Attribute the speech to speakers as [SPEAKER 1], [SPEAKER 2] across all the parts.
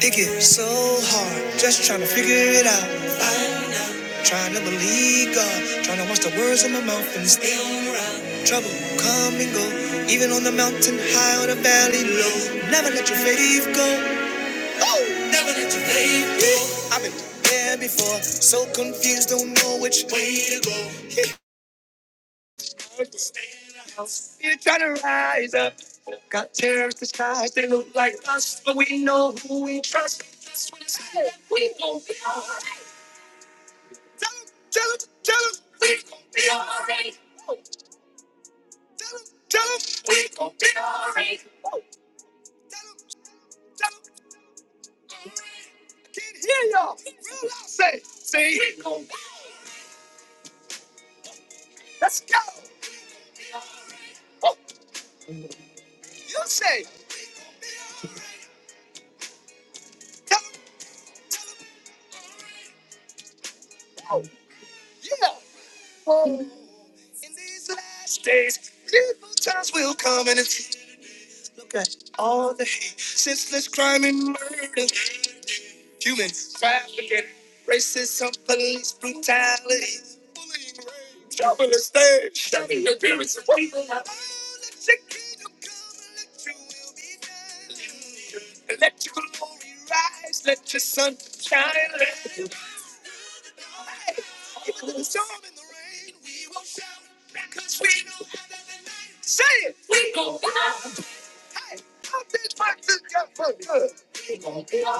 [SPEAKER 1] It gets so hard, just trying to figure it out. Find Trying to believe God, trying to watch the words in my mouth and still run. Trouble come and go, even on the mountain high or the valley low. Never let your faith go. Oh, I've been there before, so confused, don't know which way. These moments. We go.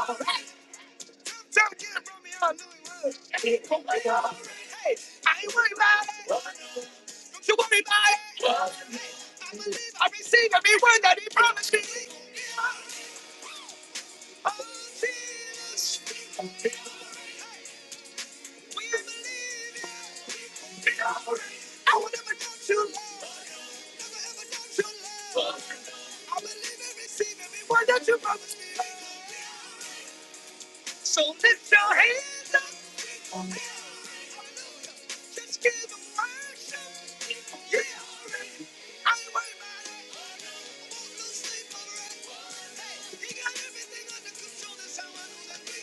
[SPEAKER 1] Don't sleep, alright? Hey, he got everything under control. That's how I know that we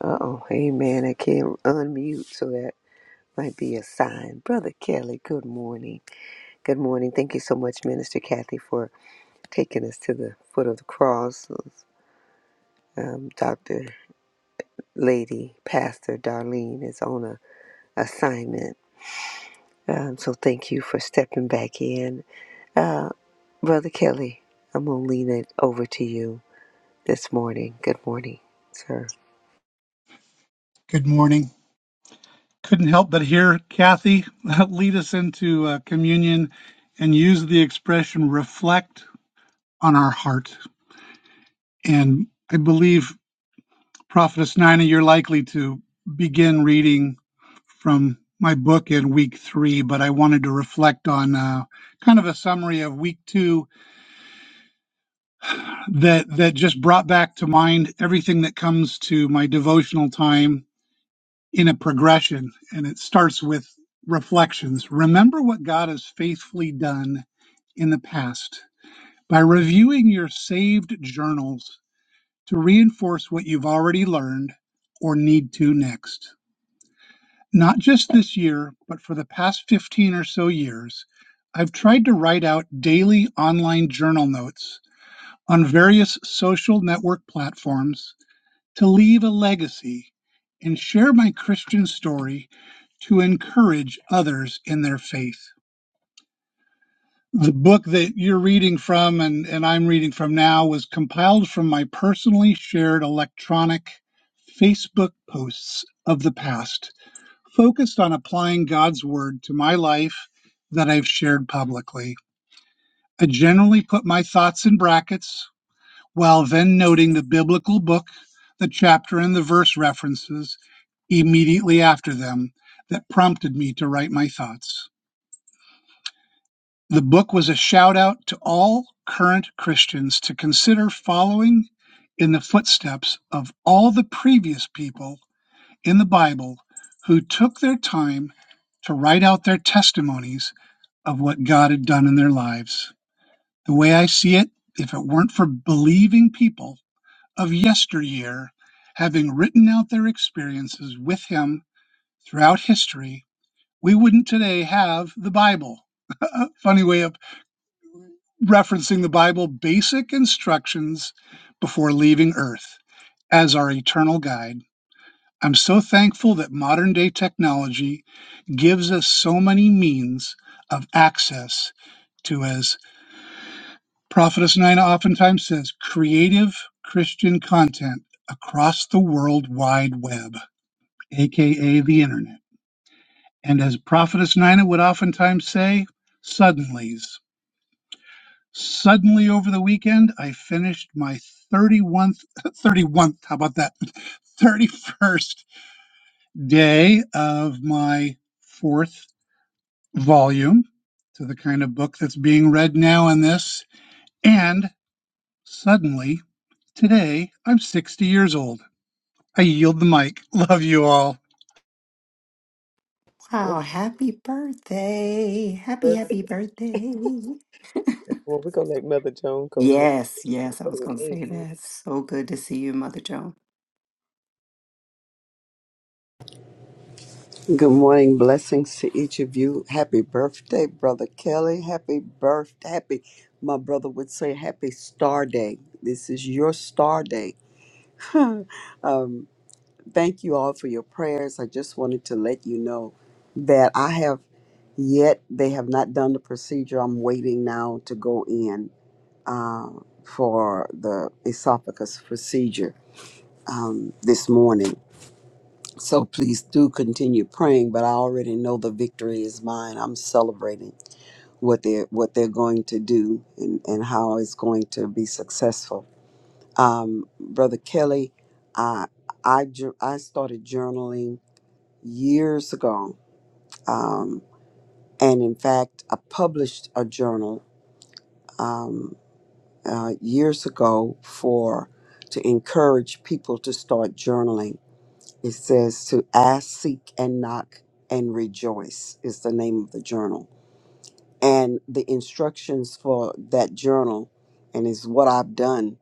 [SPEAKER 2] Uh oh, hey man, I can't unmute, so that might be a sign. Brother Kelly, good morning. Good morning. Thank you so much, Minister Kathy, for taking us to the foot of the cross. Um, Dr. Lady, Pastor Darlene is on a assignment. Um, so thank you for stepping back in. Uh, Brother Kelly, I'm going to lean it over to you this morning. Good morning, sir.
[SPEAKER 3] Good morning. Couldn't help but hear Kathy lead us into uh, communion and use the expression reflect on our heart. And I believe, Prophetess Nina, you're likely to begin reading from my book in week three, but I wanted to reflect on uh, kind of a summary of week two that, that just brought back to mind everything that comes to my devotional time in a progression, and it starts with reflections. Remember what God has faithfully done in the past by reviewing your saved journals to reinforce what you've already learned or need to next. Not just this year, but for the past 15 or so years, I've tried to write out daily online journal notes on various social network platforms to leave a legacy and share my Christian story to encourage others in their faith. The book that you're reading from and, and I'm reading from now was compiled from my personally shared electronic Facebook posts of the past, focused on applying God's word to my life that I've shared publicly. I generally put my thoughts in brackets While then noting the biblical book, the chapter and the verse references immediately after them that prompted me to write my thoughts. The book was a shout out to all current Christians to consider following in the footsteps of all the previous people in the Bible who took their time to write out their testimonies of what God had done in their lives. The way I see it, if it weren't for believing people, of yesteryear, having written out their experiences with him throughout history, we wouldn't today have the Bible. Funny way of referencing the Bible, basic instructions before leaving Earth as our eternal guide. I'm so thankful that modern day technology gives us so many means of access to, as Prophetess Nina oftentimes says, creative Christian content across the World Wide Web. aka the internet. And as Prophetess Nina would oftentimes say, suddenlies. Suddenly over the weekend, I finished my 31st, 31th, how about that? 31st day of my fourth volume to the kind of book that's being read now in this. And suddenly, today, I'm 60 years old. I yield the mic. Love you all.
[SPEAKER 2] Oh, perfect. Well, we're gonna let Mother Joan go next. Amen.
[SPEAKER 4] Good morning. Blessings to each of you. Happy birthday, Brother Kelly. Happy birth. Happy, my brother would say, happy star day. This is your star day. um, thank you all for your prayers. I just wanted to let you know that I have yet, they have not done the procedure. I'm waiting now to go in uh, for the esophagus procedure um, this morning so please do continue praying, but I already know the victory is mine. I'm celebrating what they're what they're going to do and, and how it's going to be successful. Um, Brother Kelly, I I jour- I started journaling years ago, um, and in fact, I published a journal um, uh, years ago for to encourage people to start journaling It says to ask, seek, and knock and rejoice is the name of the journal. And the instructions for that journal, and is what I've done,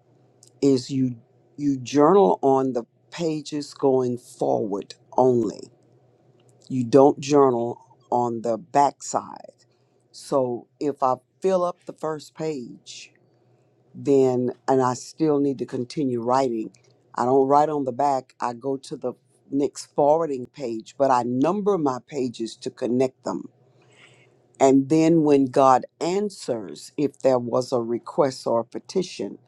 [SPEAKER 4] is you you journal on the pages going forward only. You don't journal on the backside. So if I fill up the first page, then and I still need to continue writing. I don't write on the back. I go to the next forwarding page, but I number my pages to connect them. And then when God answers, if there was a request or a petition,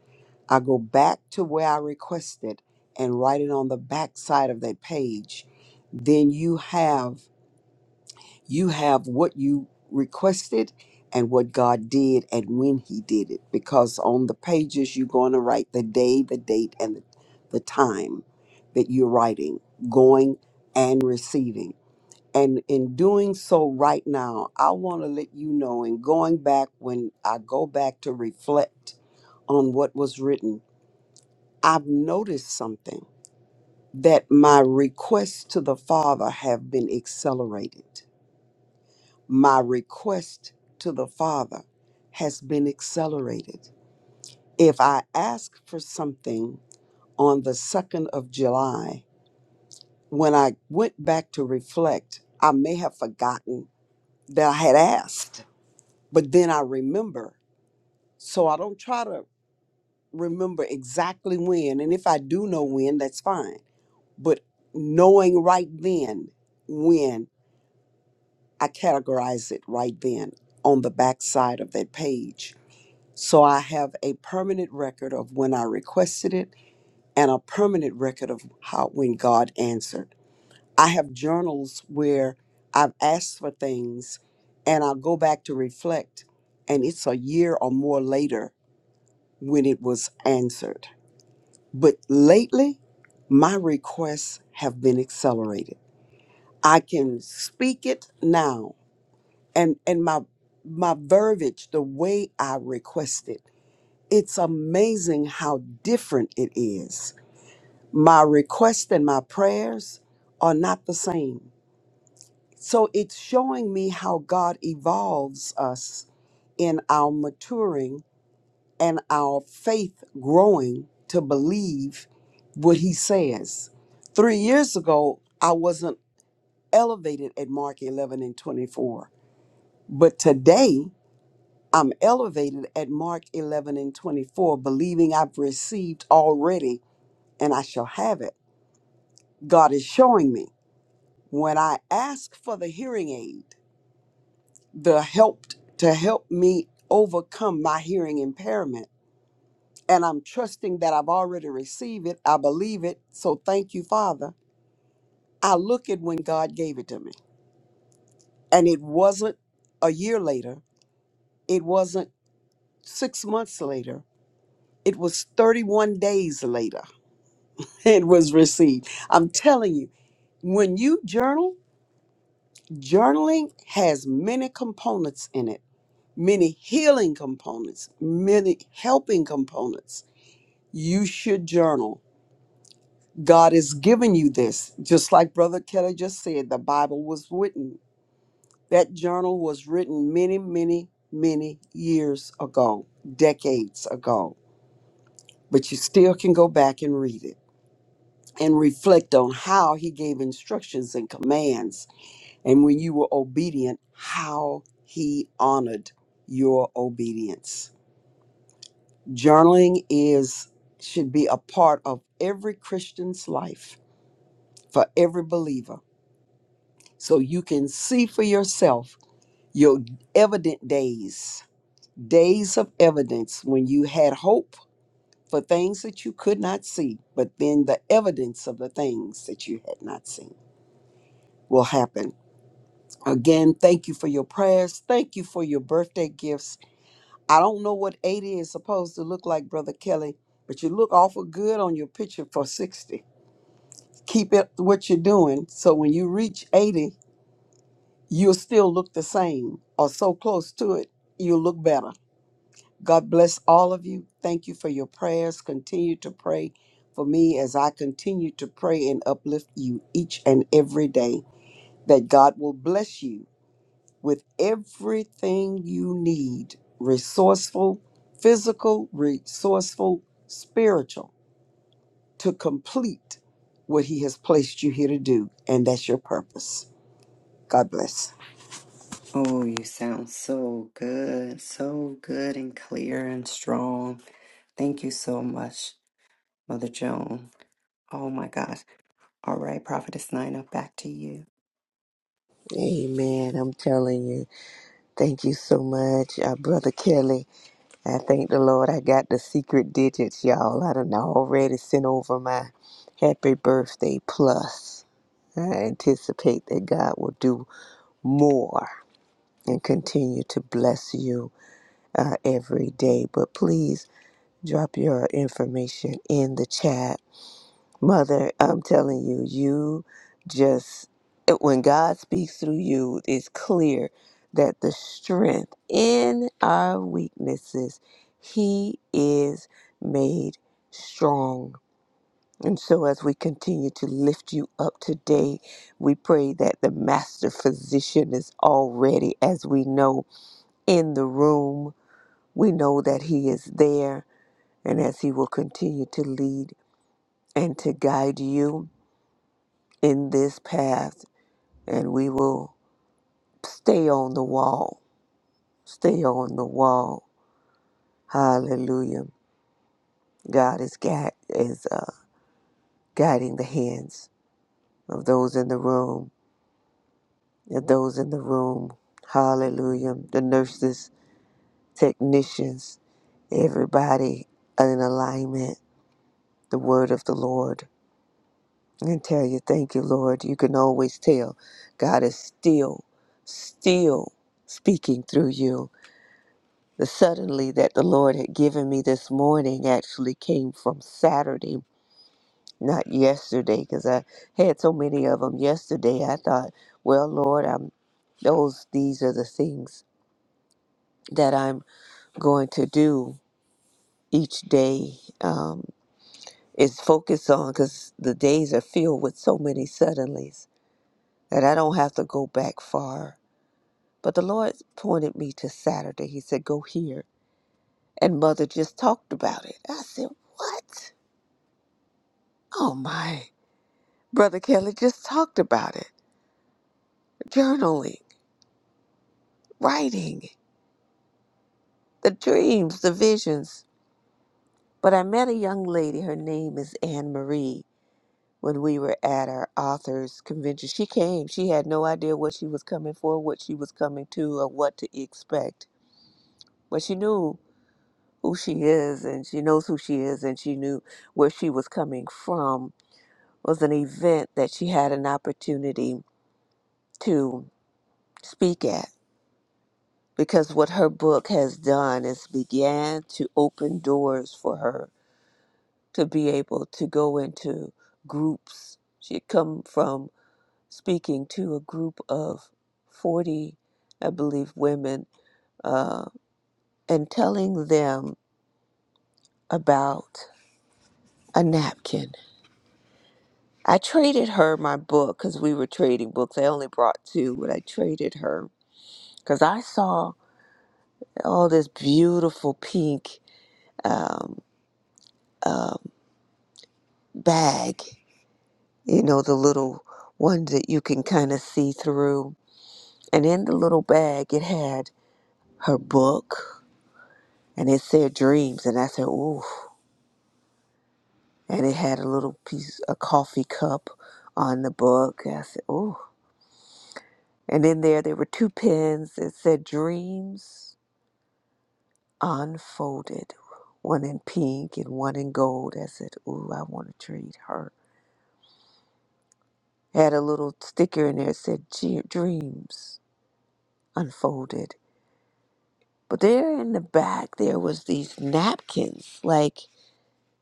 [SPEAKER 4] I go back to where I requested and write it on the back side of that page. Then you have you have what you requested and what God did and when He did it. Because on the pages, you're going to write the day, the date, and the, the time that you're writing, going and receiving. And in doing so right now, I want to let you know, in going back, when I go back to reflect on what was written, I've noticed something that my requests to the Father have been accelerated My request to the Father has been accelerated. If I asked for something on the 2nd of July, when I went back to reflect, I may have forgotten that I had asked, but then I remember. So I don't try to remember exactly when. And if I do know when, that's fine. But knowing right then when, I categorize it right then on the back side of that page So I have a permanent record of when I requested it and a permanent record of how when God answered. I have journals where I've asked for things and I'll go back to reflect and it's a year or more later when it was answered. But lately my requests have been accelerated. I can speak it now and and my my verbiage the way I requested It's amazing how different it is. My requests and my prayers are not the same. So it's showing me how God evolves us in our maturing and our faith growing to believe what He says. Three years ago, I wasn't elevated at Mark 11 and 24, but today, I'm elevated at Mark 11 and 24, believing I've received already and I shall have it. God is showing me when I ask for the hearing aid, the help to help me overcome my hearing impairment, and I'm trusting that I've already received it, I believe it, so thank you, Father. I look at when God gave it to me, and it wasn't a year later, it wasn't six months later, it was 31 days later it was received. I'm telling you, when you journal, Journaling has many components in it, many healing components, many helping components. You should journal. God has given you this. Just like Brother Kelly just said, the Bible was written. That journal was written many, many, many years ago, decades ago. But you still can go back and read it and reflect on how he gave instructions and commands and when you were obedient, how he honored your obedience. Journaling is should be a part of every Christian's life for every believer. So you can see for yourself your evident days, days of evidence when you had hope for things that you could not see, but then the evidence of the things that you had not seen will happen. Again, thank you for your prayers. Thank you for your birthday gifts. I don't know what 80 is supposed to look like, Brother Kelly, but you look awful good on your picture for 60. Keep it what you're doing so when you reach 80, you'll still look the same or so close to it, you'll look better. God bless all of you. Thank you for your prayers. Continue to pray for me as I continue to pray and uplift you each and every day. That God will bless you with everything you need resourceful, physical, resourceful, spiritual to complete what He has placed you here to do. And that's your purpose. God bless.
[SPEAKER 2] Amen. I'm telling you. Thank you so much, uh, Brother Kelly. I thank the Lord I got the secret digits, y'all. I done already sent over my happy birthday plus. I anticipate that God will do more and continue to bless you uh, every day. But please drop your information in the chat Mother, I'm telling you, you just, it- when God speaks through you, it's clear that the strength in our weaknesses, He is made strong. And so, as we continue to lift you up today, we pray that the Master Physician is already, as we know, in the room. We know that He is there, and as He will continue to lead and to guide you. in this path and we will stay on the wall. Stay on the wall. Hallelujah. God is, gui- is uh, guiding the hands of those in the room, of those in the room. Hallelujah. The nurses, technicians, everybody in alignment, the word of the Lord. And tell you, thank you, Lord. You can always tell God is still, still speaking through you The suddenly that the Lord had given me this morning actually came from Saturday, not yesterday, because I had so many of them yesterday. I thought, well, Lord, I'm those these are the things that I'm going to do each day um, is focus on because the days are filled with so many suddenlies that I don't have to go back far. But the Lord pointed me to Saturday. He said, "Go here," and Mother just talked about it. I said, "What?" Oh my, Brother Kelly just talked about it. Journaling, writing, the dreams, the visions. But I met a young lady, her name is Anne Marie, when we were at our authors convention. She came, she had no idea what she was coming for, what she was coming to, or what to expect. But she knew who she is and she knows who she is and she knew where she was coming from It was an event that she had an opportunity to speak at because what her book has done is began to open doors for her to be able to go into groups. She had come from speaking to a group of 40, I believe, women uh, and telling them about a napkin. I traded her my book because we were trading books. I only brought two, but I traded her because I saw all this beautiful pink um, um, bag you know, the little ones that you can kind of see through. And in the little bag, it had her book and it said dreams. And I said, ooh. And it had a little piece, a coffee cup on the book. I said, ooh. And in there, there were two pens that said dreams unfolded, one in pink and one in gold. I said, ooh, I want to treat her. Had a little sticker in there that said "G- dreams unfolded. But there in the back, there was these napkins, like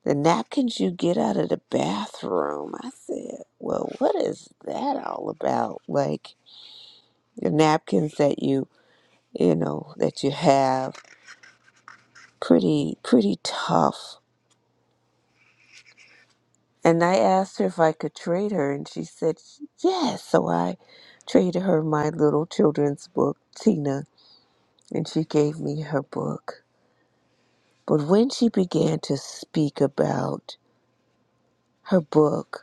[SPEAKER 2] the napkins you get out of the bathroom. I said, well, what is that all about? Like the napkins that you, you know, that you have, pretty, pretty tough. And I asked her if I could trade her, and she said, yes. So I traded her my little children's book, Tina, and she gave me her book. But when she began to speak about her book,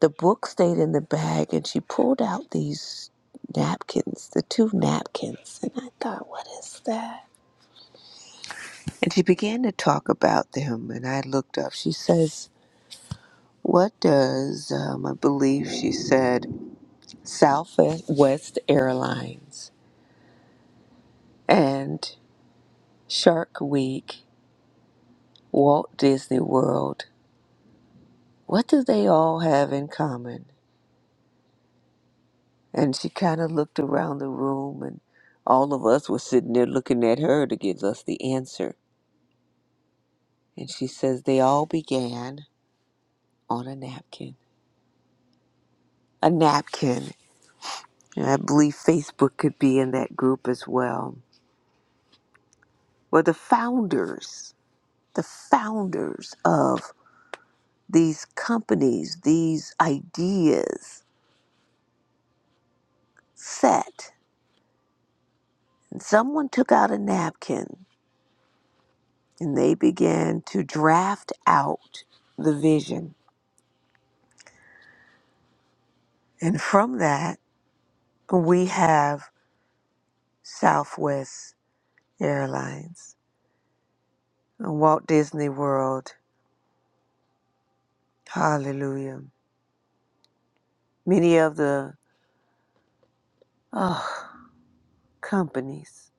[SPEAKER 2] The book stayed in the bag, and she pulled out these napkins, the two napkins. And I thought, what is that? And she began to talk about them, and I looked up. She says, What does, um, I believe she said, Southwest Airlines and Shark Week, Walt Disney World, what do they all have in common? And she kind of looked around the room, and all of us were sitting there looking at her to give us the answer. And she says they all began on a napkin. A napkin. And I believe Facebook could be in that group as well. Where the founders, the founders of these companies, these ideas set. And someone took out a napkin and they began to draft out the vision. And from that, we have Southwest Airlines, Walt Disney World, Hallelujah. Many of the oh, companies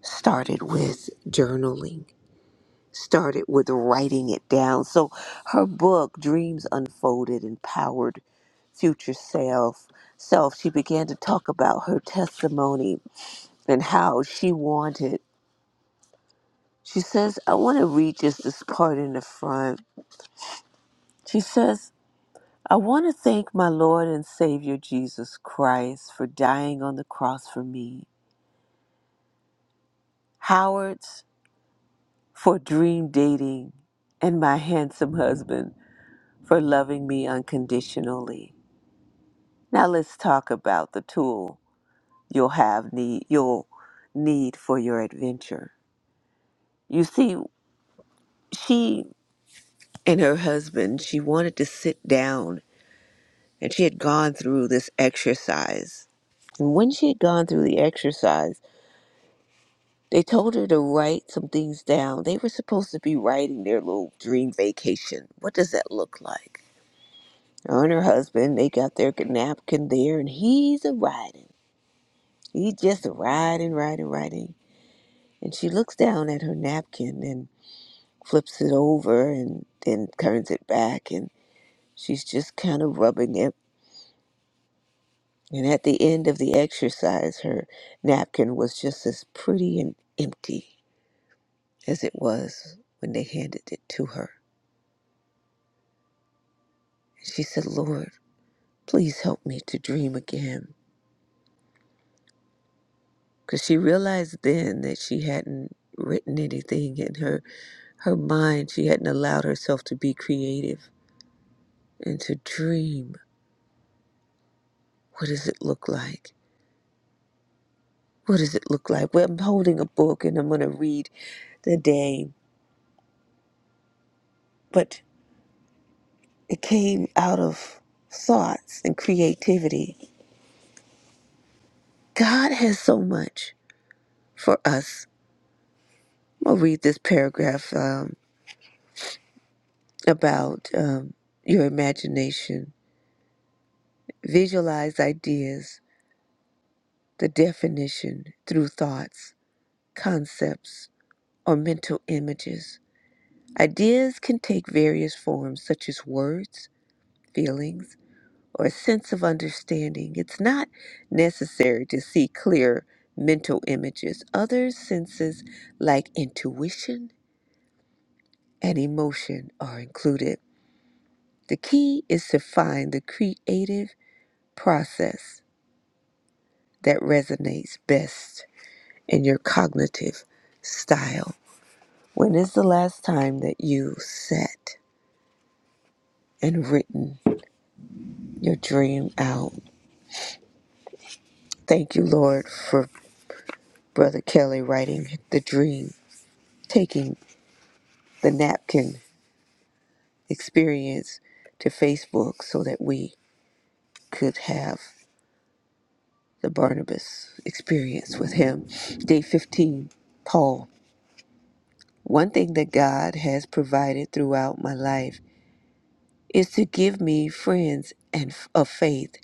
[SPEAKER 2] started with journaling, started with writing it down. So her book, Dreams Unfolded Empowered Future Self, self she began to talk about her testimony and how she wanted. She says, I want to read just this part in the front. She says, I want to thank my Lord and Savior Jesus Christ for dying on the cross for me. Howard's for dream dating and my handsome husband for loving me unconditionally. Now let's talk about the tool you'll have need you'll need for your adventure. You see, she and her husband, she wanted to sit down and she had gone through this exercise. And when she had gone through the exercise, they told her to write some things down. They were supposed to be writing their little dream vacation. What does that look like? Her and her husband, they got their napkin there, and he's a riding. He's just a riding, riding, riding. And she looks down at her napkin and flips it over and then turns it back, and she's just kind of rubbing it. And at the end of the exercise, her napkin was just as pretty and empty as it was when they handed it to her. And she said, Lord, please help me to dream again. Because she realized then that she hadn't written anything in her Her mind, she hadn't allowed herself to be creative and to dream. What does it look like? What does it look like? Well, I'm holding a book and I'm going to read the day, but it came out of thoughts and creativity. God has so much for us. I'll read this paragraph um, about um, your imagination. Visualize ideas, the definition through thoughts, concepts, or mental images Ideas can take various forms, such as words, feelings, or a sense of understanding. It's not necessary to see clear mental images. Other senses, like intuition and emotion, are included. The key is to find the creative process that resonates best in your cognitive style. When is the last time that you sat and written your dream out? Thank you, Lord, for Brother Kelly writing the dream, taking the napkin experience to Facebook so that we could have the Barnabas experience with him. Day 15, Paul. One thing that God has provided throughout my life is to give me friends and f- of faith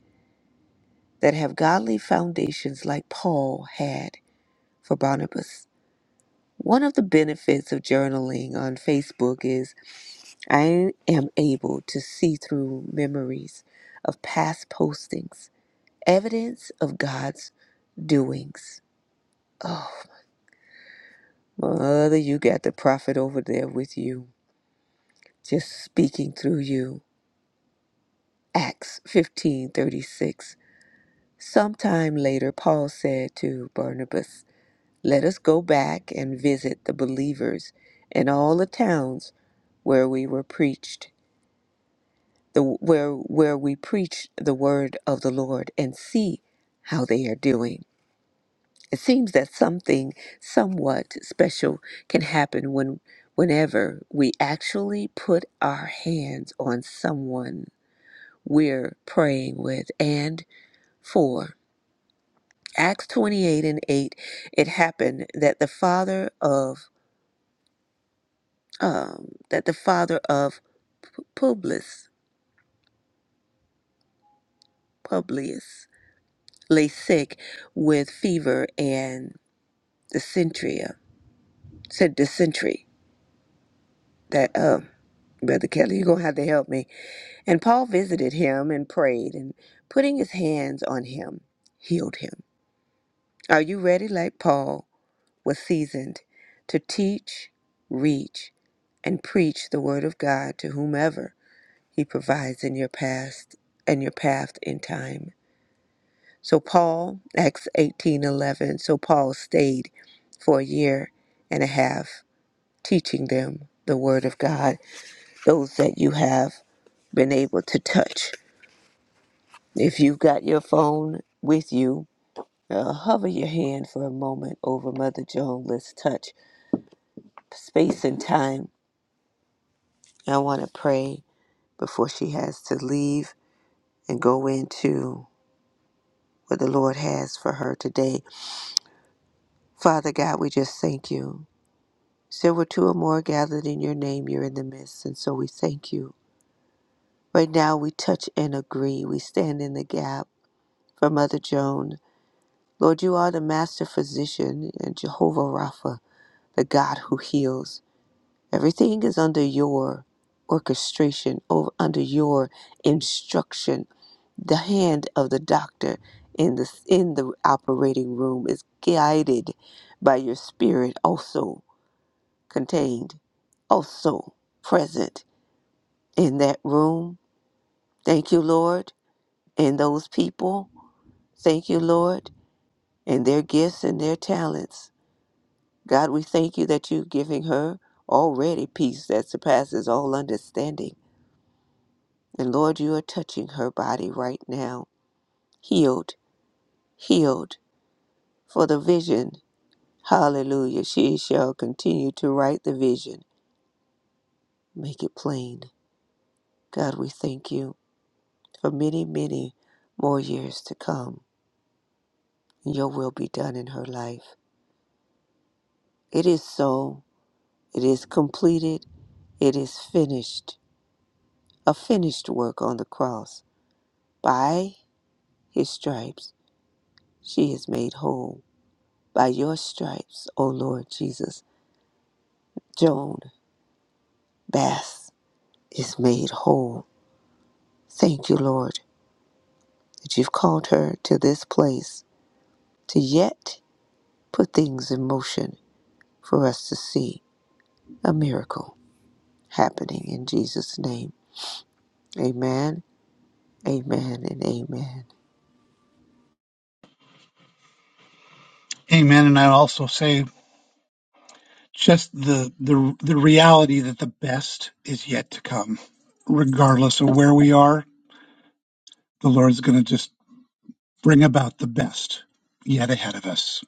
[SPEAKER 2] that have godly foundations like Paul had for Barnabas. One of the benefits of journaling on Facebook is I am able to see through memories of past postings, evidence of God's doings. Oh, mother, you got the prophet over there with you, just speaking through you. Acts 15:36. Sometime later Paul said to Barnabas, "Let us go back and visit the believers in all the towns where we were preached." the where where we preach the word of the Lord and see how they are doing. It seems that something somewhat special can happen when whenever we actually put our hands on someone we're praying with and for. Acts 28 and 8 it happened that the father of um, that the father of Publius Publius lay sick with fever and. dysentery, said dysentery, that, um, Brother Kelly, you're going to have to help me. And Paul visited him and prayed, and putting his hands on him, healed him. Are you ready, like Paul was seasoned, to teach, reach, and preach the word of God to whomever he provides in your past and your path in time? So Paul, Acts 18:11, so Paul stayed for a year and a half teaching them the word of God those that you have been able to touch. If you've got your phone with you, uh, hover your hand for a moment over Mother Joan. Let's touch space and time. I want to pray before she has to leave and go into what the Lord has for her today. Father God, we just thank you. So we're two or more gathered in your name, you're in the midst, and so we thank you. Right now, we touch and agree. We stand in the gap for Mother Joan Lord, you are the master physician and Jehovah Rapha, the God who heals. Everything is under your orchestration, or under your instruction. The hand of the doctor in the in the operating room is guided by your spirit also contained, also present in that room. Thank you, Lord, and those people. Thank you, Lord, and their gifts and their talents. God, we thank you that you're giving her already peace that surpasses all understanding. And Lord, you are touching her body right now, healed, healed for the vision. Hallelujah. She shall continue to write the vision, make it plain. God, we thank you for many, many more years to come. Your will be done in her life. It is so. It is completed. It is finished. A finished work on the cross by his stripes. She is made whole. By your stripes, O Lord Jesus, Joan Bass is made whole. Thank you, Lord, that you've called her to this place to yet put things in motion for us to see a miracle happening in Jesus' name. Amen, amen, and amen.
[SPEAKER 3] Amen. And I also say just the the the reality that the best is yet to come regardless of where we are the lord's going to just bring about the best yet ahead of us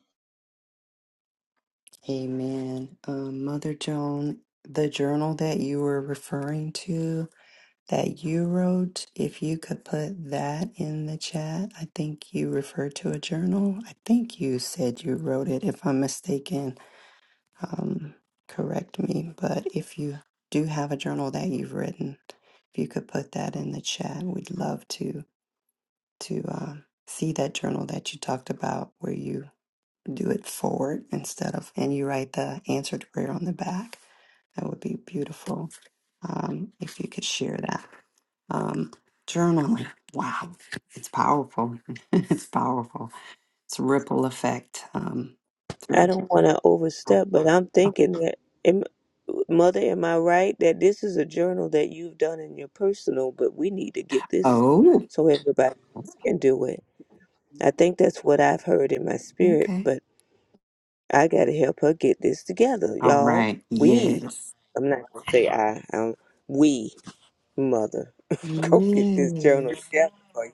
[SPEAKER 2] I don't want to overstep, but I'm thinking that, am, Mother, am I right that this is a journal that you've done in your personal, but we need to get this so everybody else can do it? I think that's what I've heard in my spirit, but I got to help her get this together, y'all. We, I'm not going to say I, um, we, Mother, go get this journal together for you.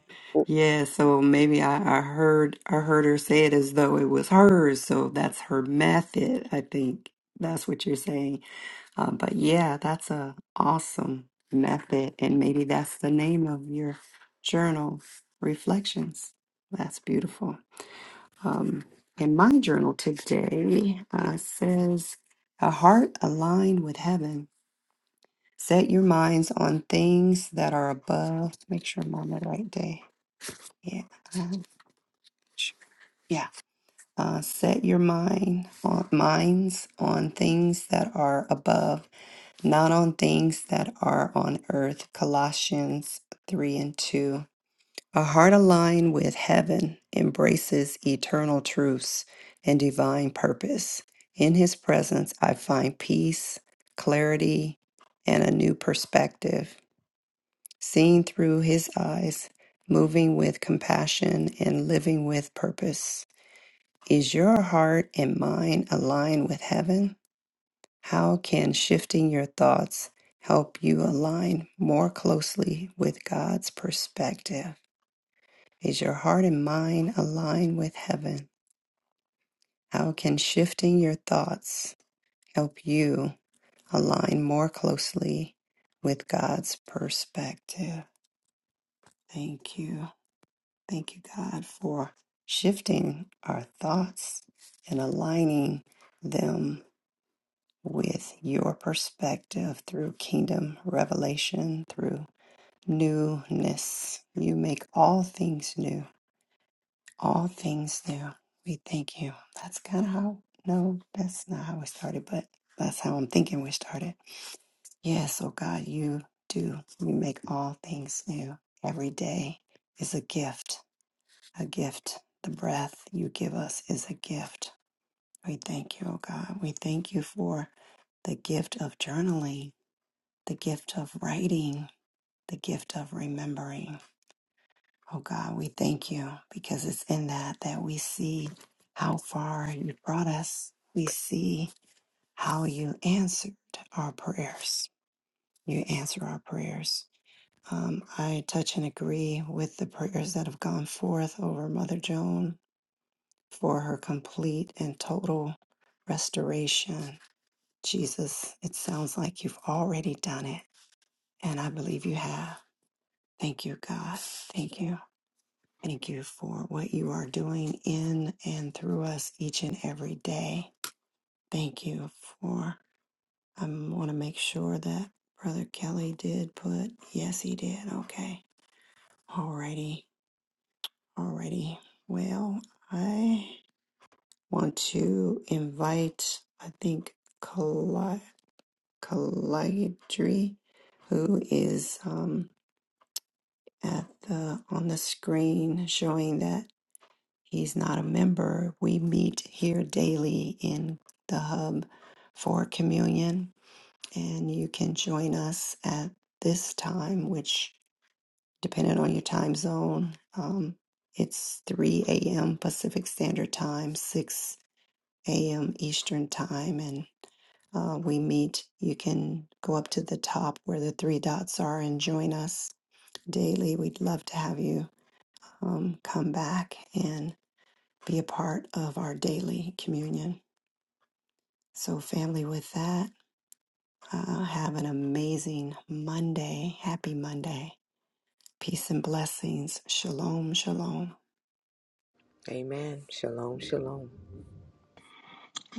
[SPEAKER 2] Amen. Shalom, shalom.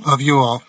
[SPEAKER 3] love you all